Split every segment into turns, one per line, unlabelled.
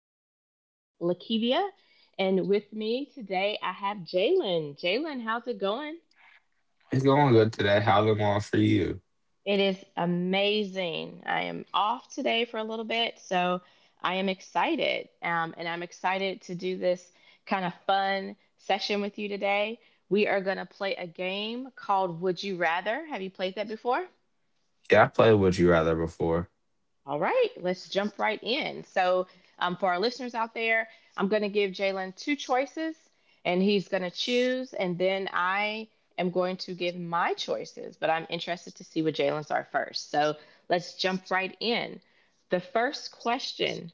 your host, Lakivia, and with me today I have Jalen. Jalen, how's it going?
It's going good today. How's it going for you?
It is amazing. I am off today for a little bit, so I am excited. And I'm excited to do this kind of fun session with you today. We are going to play a game called Would You Rather. Have you played that before?
Yeah, I played Would You Rather before.
All right, let's jump right in. For our listeners out there, I'm going to give Jalen two choices and he's going to choose. And then I am going to give my choices, but I'm interested to see what Jalen's are first. So, let's jump right in. The first question: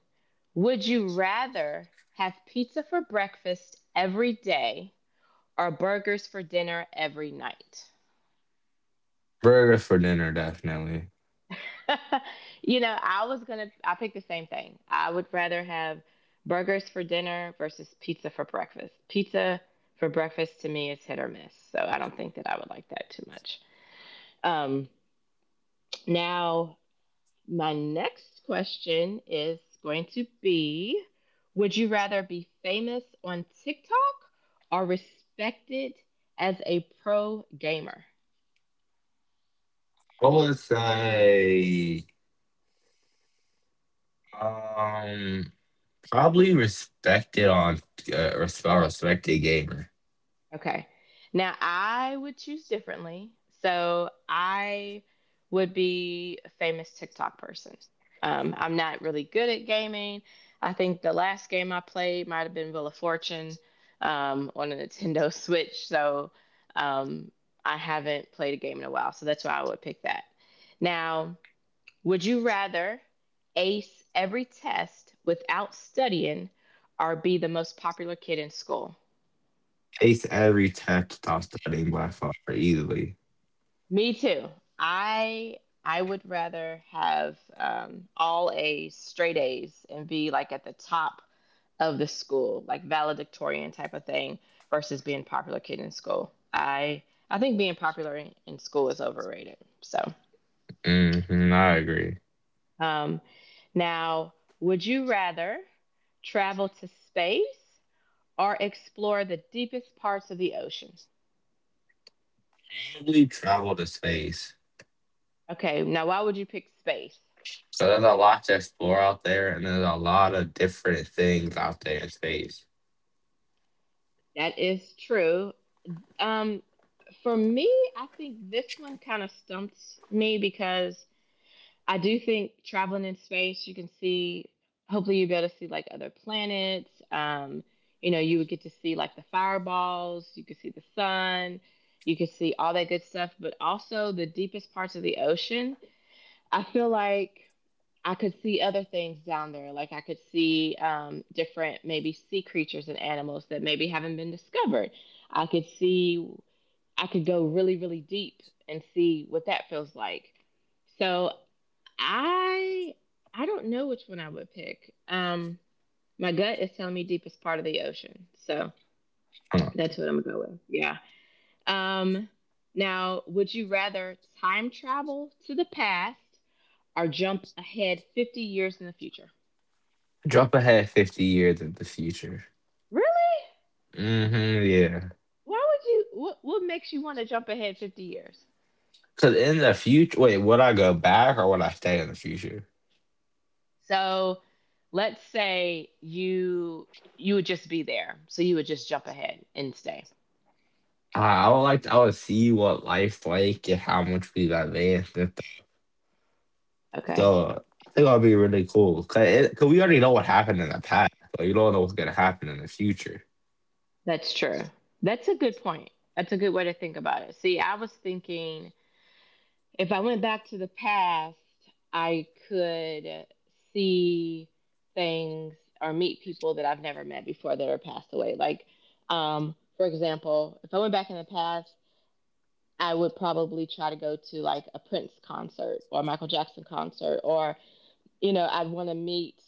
would you rather have pizza for breakfast every day or burgers for dinner every night?
Burger for dinner, definitely.
I was gonna I picked the same thing. I would rather have burgers for dinner versus pizza for breakfast. Pizza for breakfast to me is hit or miss, so I don't think that I would like that too much. Um, now my next question is going to be: would you rather be famous on TikTok or respected as a pro gamer?
I would say, um, probably respected on a respected gamer.
Okay. Now I would choose differently. So I would be a famous TikTok person. I'm not really good at gaming. I think the last game I played might have been Wheel of Fortune on a Nintendo Switch. So um, I haven't played a game in a while. So that's why I would pick that. Now, would you rather ace every test without studying or be the most popular kid in school?
Ace every test without studying by far easily.
Me too. I I would rather have all A's, straight A's, and be like at the top of the school, like valedictorian type of thing, versus being popular kid in school. I think being popular in school is overrated. So
Hmm, I agree.
um, now, would you rather travel to space or explore the deepest parts of the ocean?
Probably travel to space.
Okay, now why would you pick space?
So there's a lot to explore out there, and there's a lot of different things out there in space.
That is true. Um, for me, I think this one kind of stumps me because I do think traveling in space, you can see, hopefully, you'll be able to see like other planets. You know, you would get to see like the fireballs, you could see the sun, you could see all that good stuff, but also the deepest parts of the ocean. I feel like I could see other things down there. Like I could see different, maybe sea creatures and animals that maybe haven't been discovered. I could see I could go really, really deep and see what that feels like. So I I don't know which one I would pick. My gut is telling me deepest part of the ocean, so
Huh.
that's what I'm gonna go with. Yeah. Um, now, would you rather time travel to the past or jump ahead 50 years in the future?
Jump ahead 50 years in the future.
Really?
Mm-hmm, yeah.
Why would you? What makes you want to jump ahead 50 years?
Cause in the future, wait, would I go back or would I stay in the future?
So let's say you would just be there. So you would just jump ahead and stay.
I would like to, I would see what life's like and how much we've advanced and stuff.
Okay.
So I think that'd be really cool. Cause, it, cause we already know what happened in the past, but you don't know what's gonna happen in the future.
That's true. That's a good point. That's a good way to think about it. See, I was thinking if I went back to the past, I could see things or meet people that I've never met before that are passed away. Like, for example, if I went back in the past, I would probably try to go to like a Prince concert or a Michael Jackson concert or you know, I'd want to meet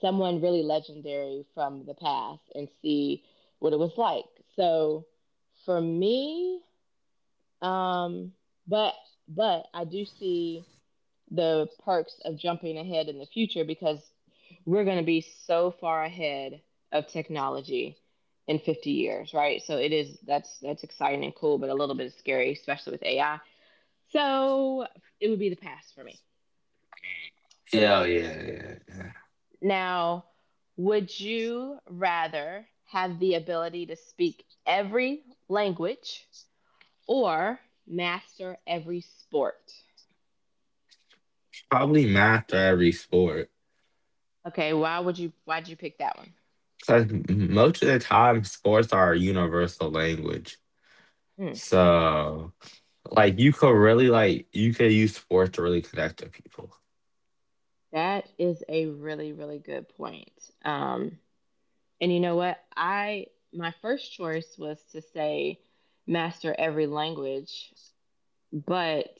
someone really legendary from the past and see what it was like. So for me, um, but but I do see the perks of jumping ahead in the future because we're going to be so far ahead of technology in 50 years, right? So it is that's exciting and cool, but a little bit scary, especially with AI. So it would be the past for me.
Yeah, yeah, yeah.
Now, would you rather have the ability to speak every language or master every sport?
Probably math or every sport.
Okay, why'd you pick that one?
Cause most of the time, sports are a universal language.
Hmm,
So you could really you could use sports to really connect to people.
that is a really really good point. Um, and you know what? I my first choice was to say master every language, but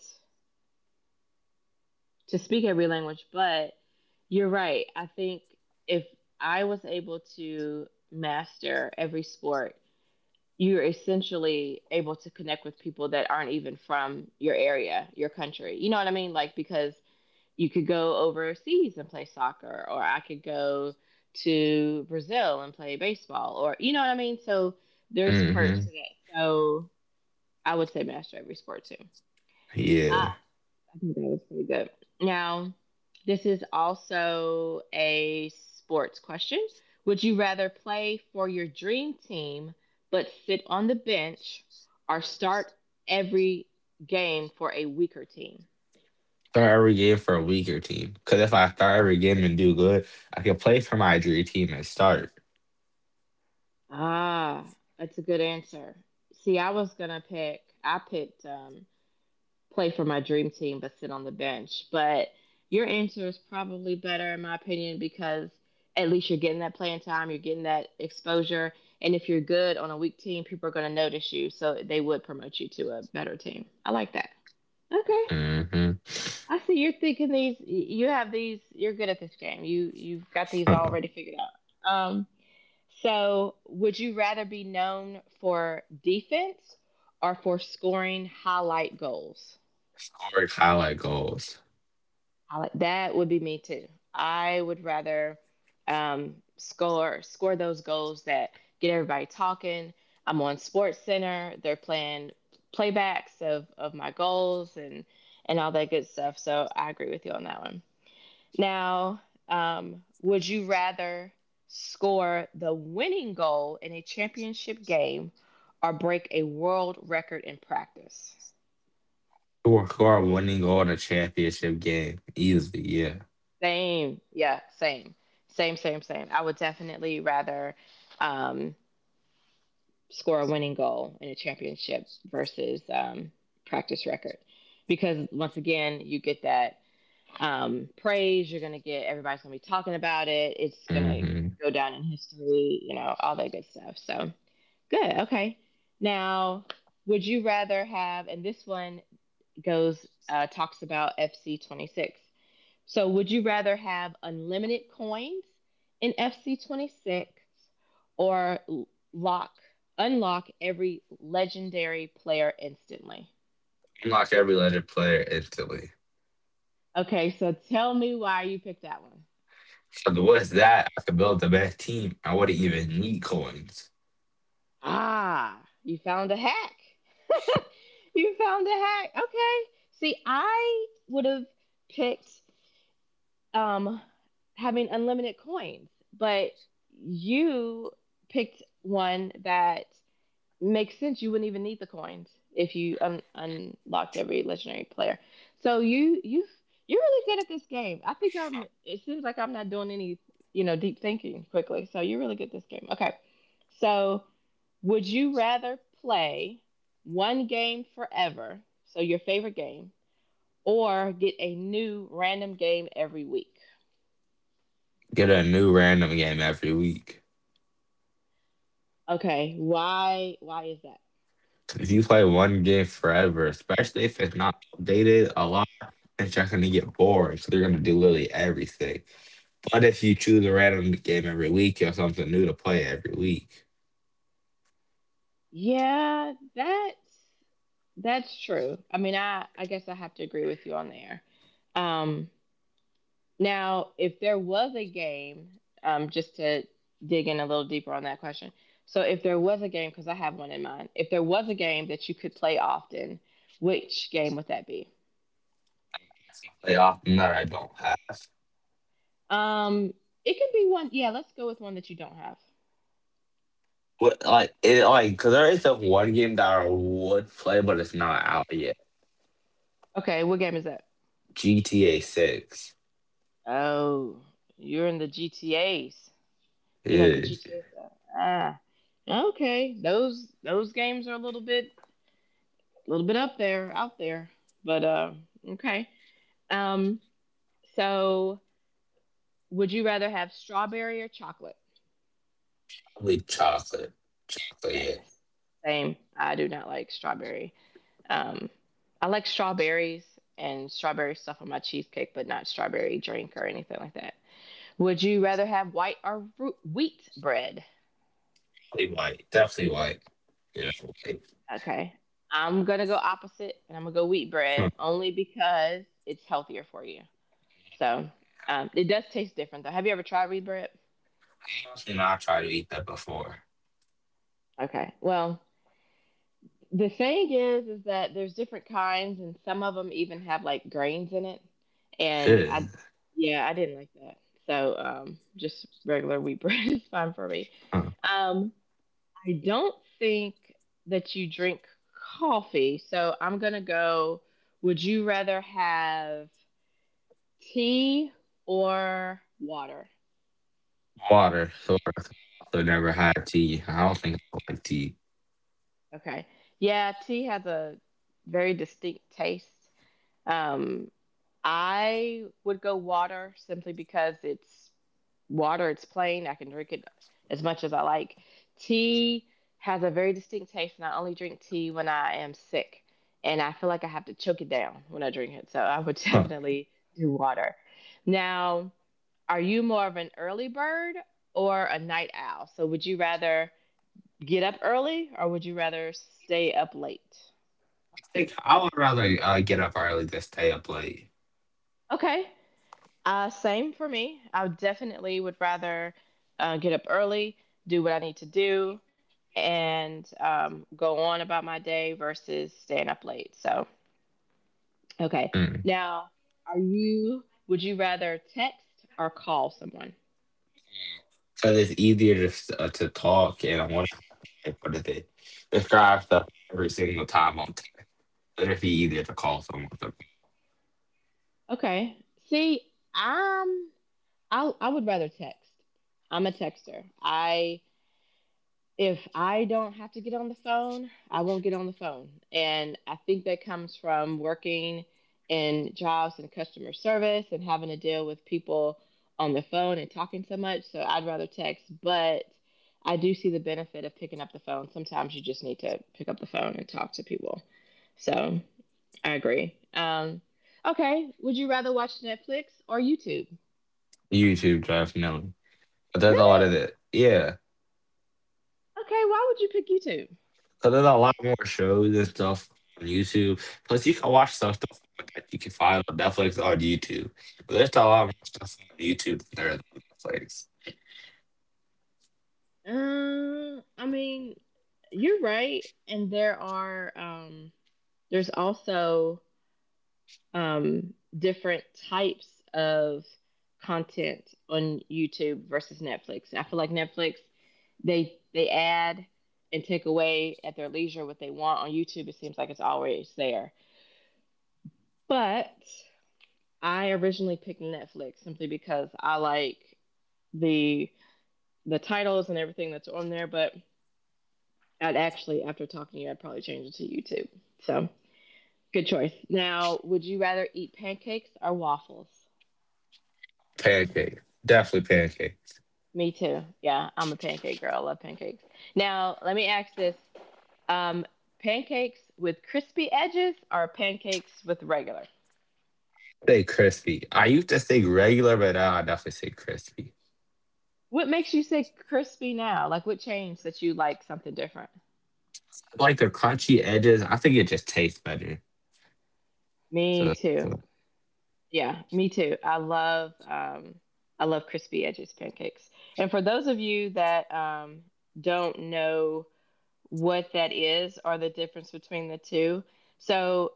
to speak every language, but you're right. I think if I was able to master every sport, you're essentially able to connect with people that aren't even from your area, your country. You know what I mean? Like, because you could go overseas and play soccer, or I could go to Brazil and play baseball, or you know what I mean? So there's perks to
Mhm.
that. So I would say master every sport too.
Yeah.
Ah, I think that was pretty good. Now, this is also a sports question. Would you rather play for your dream team but sit on the bench or start every game for a weaker team?
Start every game for a weaker team. Because if I start every game and do good, I can play for my dream team and start.
Ah, that's a good answer. See, I was gonna pick. I picked play for my dream team but sit on the bench. But your answer is probably better in my opinion because at least you're getting that playing time, you're getting that exposure, and if you're good on a weak team, people are going to notice you, so they would promote you to a better team. I like that. Okay.
Mm-hmm.
I see you're thinking these you have these you're good at this game. You've got these
Huh.
already figured out. So would you rather be known for defense or for scoring highlight goals?
Score highlight goals.
I like that would be me too. I would rather score those goals that get everybody talking. I'm on Sports Center. They're playing playbacks of my goals and all that good stuff. So I agree with you on that one. Now, would you rather score the winning goal in a championship game or break a world record in practice?
Score a winning goal in a championship game. Easily, yeah.
Same. Yeah, same. Same, same, same. I would definitely rather um, score a winning goal in a championship versus practice record. Because once again, you get that praise, you're going to get everybody's going to be talking about it. It's going to
Mm-hmm.
go down in history, you know, all that good stuff. So, good. Okay. Now, would you rather have, and this one goes, talks about FC 26. So, would you rather have unlimited coins in FC26 or lock unlock every legendary player instantly?
Unlock every legend player instantly.
Okay, so tell me why you picked that one.
So the- what's that? I could build the best team. I wouldn't even need coins.
Ah, you found a hack. you found a hack. Okay. See, I would have picked um having unlimited coins, but you picked one that makes sense. You wouldn't even need the coins if you unlocked every legendary player. So you you're really good at this game. I think I'm. It seems like I'm not doing any deep thinking quickly. So you're really good at this game. Okay. So would you rather play one game forever, so your favorite game, or get a new random game every week?
Get a new random game every week.
Okay. Why is that?
If you play one game forever, especially if it's not updated a lot. It's just gonna get boring, so they're gonna do literally everything. But if you choose a random game every week or something new to play every week,
Yeah, that's true. I mean, I guess I have to agree with you on there. Um, now, if there was a game, just to dig in a little deeper on that question. So, if there was a game, because I have one in mind, if there was a game that you could play often, which game would that be?
like often that I don't have.
Um, it could be one. Yeah, let's go with one that you don't have.
But like it, like because there is a one game that I would play, but it's not out yet.
Okay, what game is that?
GTA Six,
Oh, you're in the GTAs. You like the
yeah,
GTA stuff. Okay, those games are a little bit up there, out there. But okay. Um, so would you rather have strawberry or chocolate?
probably chocolate, chocolate, yeah,
Same. I do not like strawberry. Um, I like strawberries and strawberry stuff on my cheesecake, but not strawberry drink or anything like that. Would you rather have white or wheat bread?
probably white, definitely white. Yeah, white.
Okay. I'm gonna go opposite, and I'm gonna go wheat bread
Hmm.
only because it's healthier for you. So it does taste different though. Have you ever tried wheat bread?
I actually not tried to eat that before.
Okay. Well, the thing is that there's different kinds, and some of them even have like grains in it. And
Yeah,
I, yeah, I didn't like that. So just regular wheat bread is fine for me.
huh.
Um, I don't think that you drink coffee, so I'm gonna go. Would you rather have tea or water?
Water, so I've never had tea. I don't think I like tea.
Okay. Yeah, tea has a very distinct taste. Um, I would go water simply because it's water, it's plain. I can drink it as much as I like. Tea has a very distinct taste, and I only drink tea when I am sick. And I feel like I have to choke it down when I drink it. So I would
Huh.
definitely do water. Now, are you more of an early bird or a night owl? So would you rather get up early or would you rather stay up late?
Think I would rather get up early than stay up late.
Okay. Same for me. I definitely would rather get up early, do what I need to do, and go on about my day versus staying up late. So, okay.
Mm.
Now, would you rather text or call someone?
Cause it's easier to to talk, and I want to what is it? Describe stuff every single time on tape. It'd be easier to call someone. To
Okay. See, I'm, I would rather text. I'm a texter. I if I don't have to get on the phone, I won't get on the phone. And I think that comes from working in jobs and customer service and having to deal with people on the phone and talking so much. So I'd rather text, but I do see the benefit of picking up the phone. Sometimes you just need to pick up the phone and talk to people. So I agree. Okay, would you rather watch Netflix or YouTube?
YouTube, definitely. But that's all
Really?
of it. Yeah,
Okay, why would you pick YouTube?
cause there's a lot more shows and stuff on YouTube. Plus, you can watch some stuff that you can find on Netflix or on YouTube. But there's a lot more stuff on YouTube than there is on Netflix.
I mean, you're right. And there are there's also different types of content on YouTube versus Netflix. I feel like Netflix they add and take away at their leisure what they want. On YouTube it seems like it's always there. But I originally picked Netflix simply because I like the the titles and everything that's on there, but I'd actually, after talking to you, I'd probably change it to YouTube. So good choice. Now, would you rather eat pancakes or waffles?
Pancake, definitely pancake.
Me too. Yeah, I'm a pancake girl. I love pancakes. Now, let me ask this: um, pancakes with crispy edges or pancakes with regular?
Say crispy. I used to say regular, but now I definitely say crispy.
What makes you say crispy now? Like, what changed that you like something different?
I like the crunchy edges. I think it just tastes better.
Me
So, so.
too. Yeah, me too. I love crispy edges pancakes. And for those of you that don't know what that is or the difference between the two. So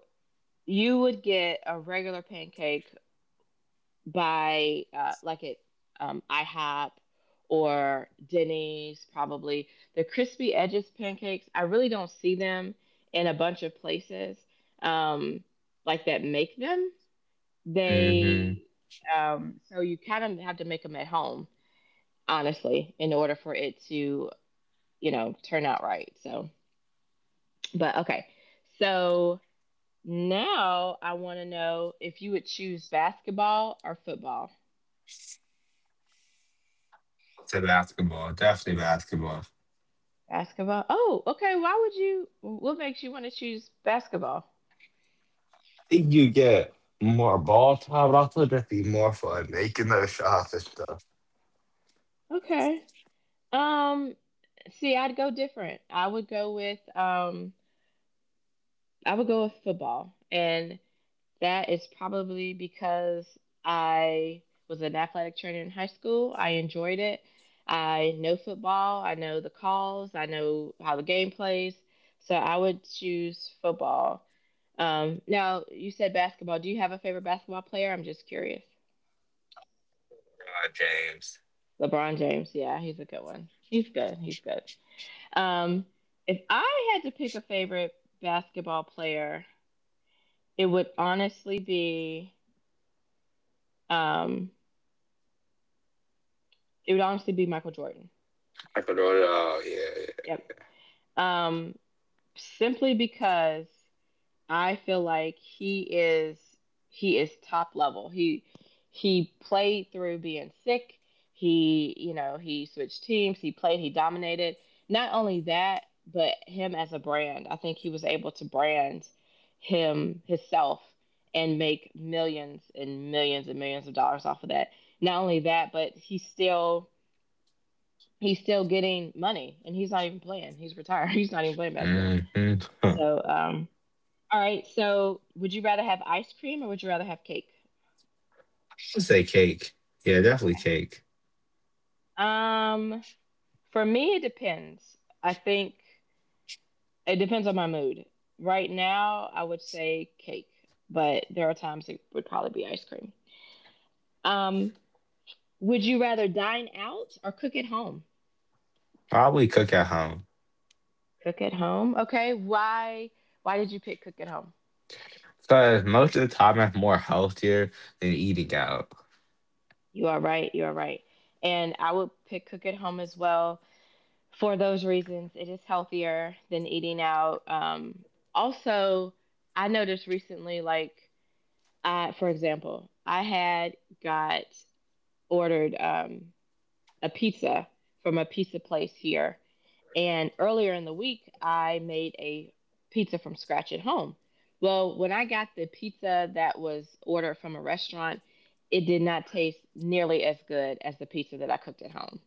you would get a regular pancake by like at IHOP or Denny's, probably. The crispy edges pancakes, I really don't see them in a bunch of places um, like that make them. They,
Hmm,
so you kind of have to make them at home, honestly, in order for it to, you know, turn out right. So, but okay. So now I want to know if you would choose basketball or football.
to basketball, definitely basketball.
Basketball. Oh, okay. Why would you? What makes you want to choose basketball?
I think you get more ball time, but also just be more fun making those shots and stuff.
Okay. Um. See, I'd go different. I would go with football, and that is probably because I was an athletic trainer in high school. I enjoyed it. I know football. I know the calls. I know how the game plays. So I would choose football. Now, you said basketball. Do you have a favorite basketball player? I'm just curious.
James,
LeBron James. Yeah, he's a good one. He's good. He's good. Um, if I had to pick a favorite basketball player, it would honestly be um, it would honestly be Michael Jordan.
I could order. Oh yeah.
Yep. Um, Simply because I feel like he is top level. He played through being sick. He, you know, he switched teams, he played, he dominated. Not only that, but him as a brand. I think he was able to brand himself and make millions and millions and millions of dollars off of that. Not only that, but he's still getting money and he's not even playing. He's retired. He's not even playing basketball.
Yeah. Hmm. Huh. I
So, all right. So, would you rather have ice cream or would you rather have cake?
would say cake. Yeah, definitely
Okay.
cake.
Um, for me, it depends. I think it depends on my mood. Right now, I would say cake, but there are times it would probably be ice cream. Um, would you rather dine out or cook at home?
Probably cook at home.
Cook at home. Okay. Why? Why did you pick cook at home?
Cause most of the time it's more healthier than eating out.
You are right. You are right. And I would pick cook at home as well for those reasons, it is healthier than eating out. Also, I noticed recently, like, I, for example, I had got ordered a pizza from a pizza place here. And earlier in the week, I made a pizza from scratch at home. Well, when I got the pizza that was ordered from a restaurant, it did not taste nearly as good as the pizza that I cooked at home.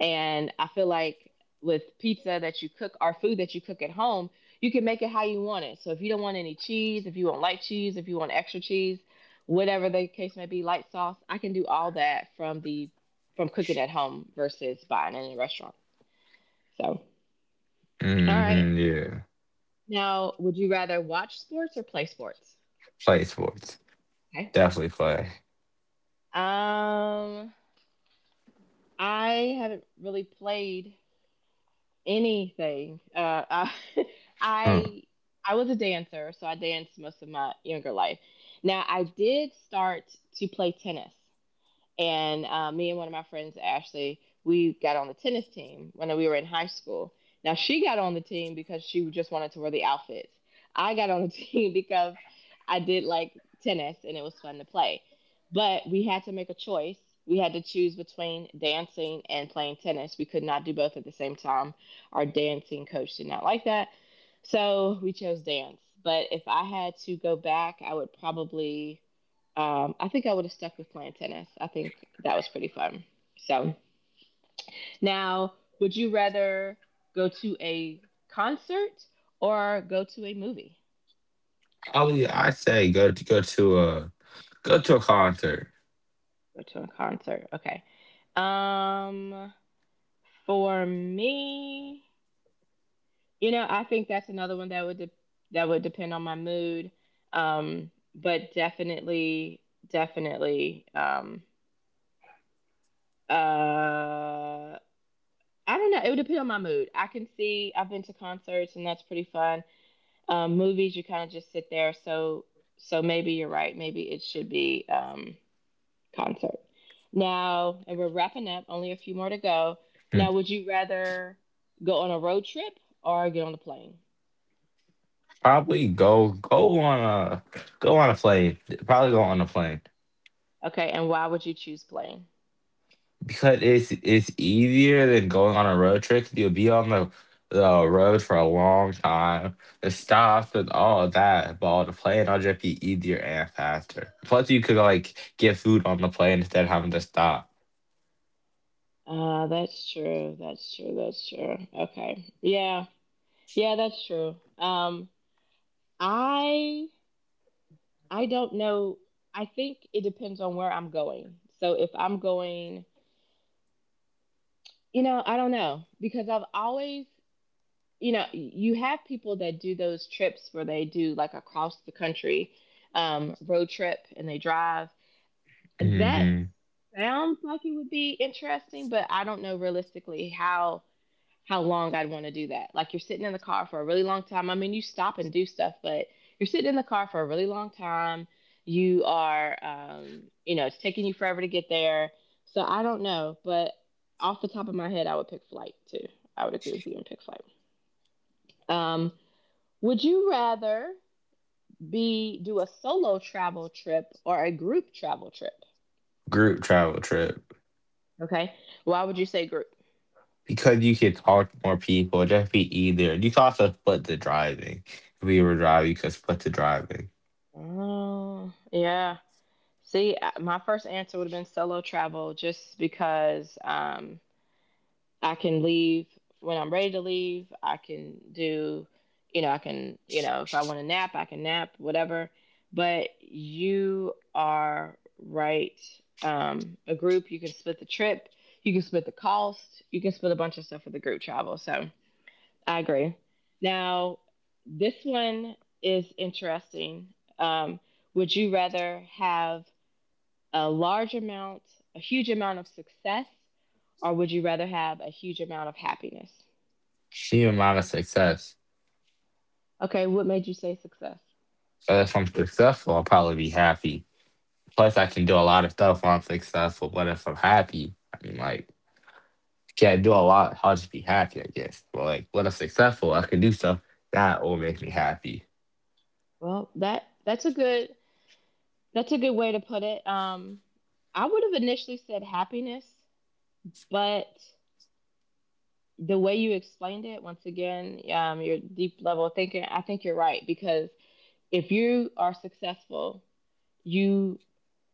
And I feel like with pizza that you cook or food that you cook at home, you can make it how you want it. So if you don't want any cheese, if you want light cheese, if you want extra cheese, whatever the case may be, light sauce, I can do all that from the from cooking at home versus buying it in a restaurant. So, all right.
Hmm. Yeah.
Now, would you rather watch sports or play sports?
Play sports.
Okay.
Definitely play.
Um, I haven't really played anything.
Hmm.
I I was a dancer, so I danced most of my younger life. Now I did start to play tennis. And me and one of my friends, Ashley, we got on the tennis team when we were in high school. Now, she got on the team because she just wanted to wear the outfits. I got on the team because I did like tennis and it was fun to play. But we had to make a choice. We had to choose between dancing and playing tennis. We could not do both at the same time. Our dancing coach did not like that. So we chose dance. But if I had to go back, I would probably I think I would have stuck with playing tennis. I think that was pretty fun. So now, would you rather go to a concert or go to a movie?
Probably, I say go to go to a concert.
Go to a concert. Okay. Um, for me, you know, I think that's another one that would that would depend on my mood. Um, but definitely, definitely, uh I don't know. It would depend on my mood. I can see I've been to concerts and that's pretty fun. Movies, you kind of just sit there. So so maybe you're right. Maybe it should be concert. Now, and we're wrapping up. Only a few more to go.
Hmm.
Now, would you rather go on a road trip or get on a plane?
Probably go go on a plane. Probably go on a plane
Okay, and why would you choose plane?
because it's easier than going on a road trip. You'll be on the road for a long time. The stops and all of that. But on the plane, it'll just be easier and faster. Plus, you could get food on the plane instead of having to stop.
That's true. That's true. That's true. Okay. Yeah. Yeah, that's true. I I don't know. I think it depends on where I'm going. So if I'm going, you know, I don't know because I've always, you know, you have people that do those trips where they do like across the country road trip and they drive. That
Hmm.
sounds like it would be interesting, but I don't know realistically how long I'd want to do that. Like you're sitting in the car for a really long time. I mean, you stop and do stuff, but you're sitting in the car for a really long time. You are, you know, it's taking you forever to get there. So I don't know, but off the top of my head, I would pick flight too. I would agree with you and pick flight. Um, would you rather be do a solo travel trip or a group travel trip?
Group travel trip.
Okay. Why would you say group?
Because you could talk to more people, it just be easier. You could also split the driving. If we were driving, you could split the driving.
Oh, yeah. My first answer would have been solo travel just because I can leave when I'm ready to leave. I can do, you know, I can, you know, if I want to nap, I can nap, whatever. But you are right. A group, you can split the trip, you can split the cost, you can split a bunch of stuff with the group travel. So I agree. Now, this one is interesting. Um, would you rather have a large amount, a huge amount of success, or would you rather have a huge amount of happiness?
Sheer amount of success.
Okay, what made you say success?
But if I'm successful, I'll probably be happy. Plus, I can do a lot of stuff when I'm successful. But if I'm happy, can't do a lot. I'll just be happy, I guess. But like, when I'm successful, I can do stuff that will make me happy.
Well, that's a good way to put it. I would have initially said happiness, but the way you explained it, once again, your deep level of thinking, I think you're right because if you are successful, you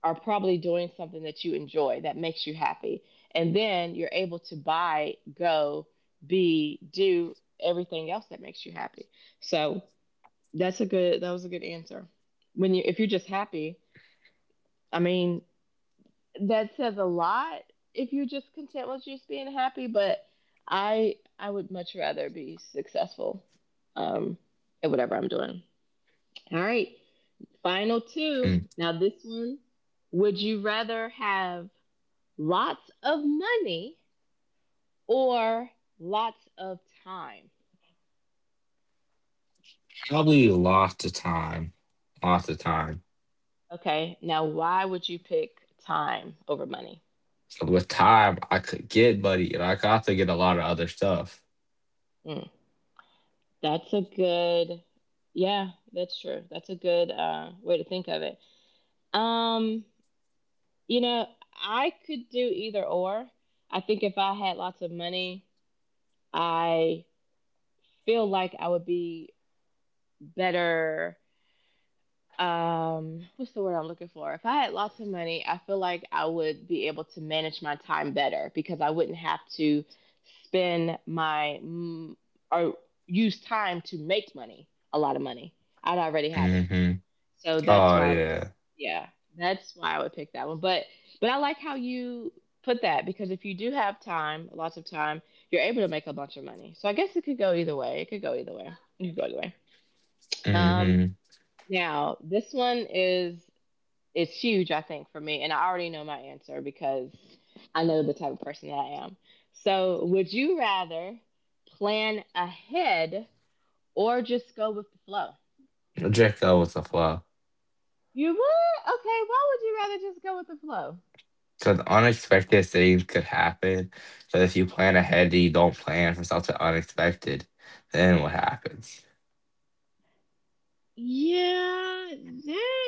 are probably doing something that you enjoy that makes you happy. And then you're able to buy, go, be, do everything else that makes you happy. So that was a good answer. When you if you're just happy, I mean, that says a lot if you're just content with just being happy, but I would much rather be successful um at whatever I'm doing. All right. Final two.
Hmm.
Now, this one would you rather have lots of money or lots of time?
Probably lots of time. Lots of time.
Okay, now why would you pick time over money?
So with time, I could get buddy, and I could also get a lot of other stuff.
Mm, that's a good, yeah, that's true. That's a good way to think of it. Um, you know, I could do either or. I think if I had lots of money, I feel like I would be better. Um, what's the word I'm looking for? If I had lots of money, I feel like I would be able to manage my time better because I wouldn't have to spend my or use time to make money. A lot of money, I'd already have it.
Hmm.
So that's
Oh
why I would,
yeah.
yeah, that's why I would pick that one. But I like how you put that, because if you do have time, lots of time, you're able to make a bunch of money. So I guess it could go either way. It could go either way. You could go either way. um,
Hmm.
Now, this one is, it's huge, I think, for me. And I already know my answer because I know the type of person that I am. So, would you rather plan ahead or just go with the flow?
Draco was a flaw.
You would? Okay, why would you rather just go with the flow?
Because unexpected things could happen. But if you plan ahead and you don't plan for something unexpected, then what happens?
Yeah, that,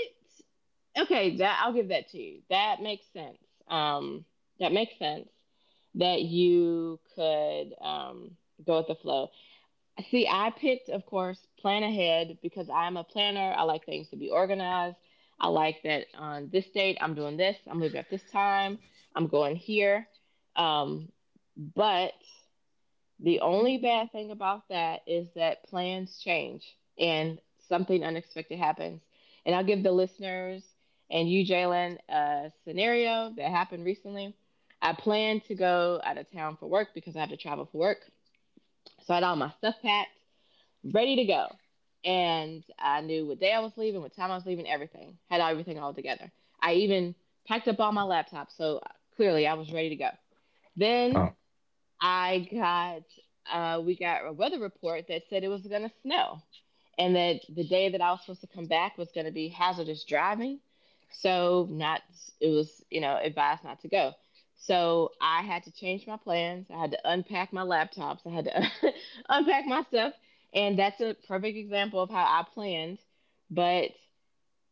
okay, that, I'll give that to you. That makes sense. Um, that makes sense, that you could, go with the flow. See, I picked, of course, plan ahead because I'm a planner. I like things to be organized. I like that on this date, I'm doing this, I'm leaving at this time, I'm going here. Um, but the only bad thing about that is that plans change and something unexpected happens. And I'll give the listeners, and you, Jalen, a scenario that happened recently. I planned to go out of town for work because I have to travel for work. So I had all my stuff packed, ready to go. And I knew what day I was leaving, what time I was leaving, everything. Had everything all together. I even packed up all my laptops, so clearly I was ready to go. Then
Oh,
I got we got a weather report that said it was going to snow, and that the day that I was supposed to come back was going to be hazardous driving, so not, it was, you know, advised not to go. So I had to change my plans. I had to unpack my laptops. I had to unpack my stuff, and that's a perfect example of how I planned, but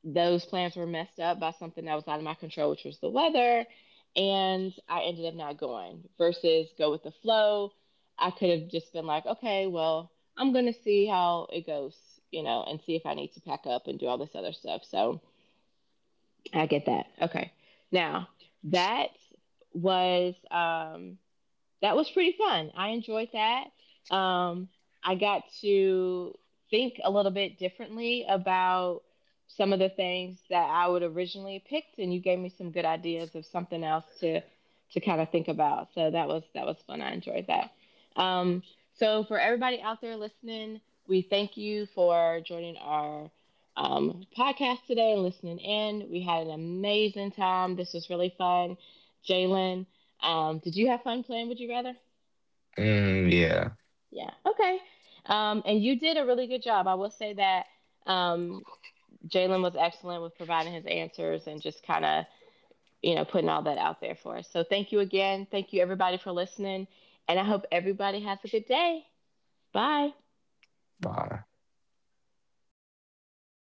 those plans were messed up by something that was out of my control, which was the weather. And I ended up not going versus go with the flow. I could have just been like, okay, well, I'm going to see how it goes, you know, and see if I need to pack up and do all this other stuff. So I get that. Okay. Now, that was um, that was pretty fun. I enjoyed that. Um, I got to think a little bit differently about some of the things that I would originally picked, and you gave me some good ideas of something else to kind of think about. So that was, that was fun. I enjoyed that. Um, so for everybody out there listening, we thank you for joining our podcast today and listening in. We had an amazing time. This was really fun. Jalen, did you have fun playing Would You Rather?
mm, yeah.
Yeah. Okay. And you did a really good job. I will say that, um, Jalen was excellent with providing his answers and just kind of, you know, putting all that out there for us. So thank you again. Thank you, everybody, for listening. And I hope everybody has a good day. Bye.
Bye.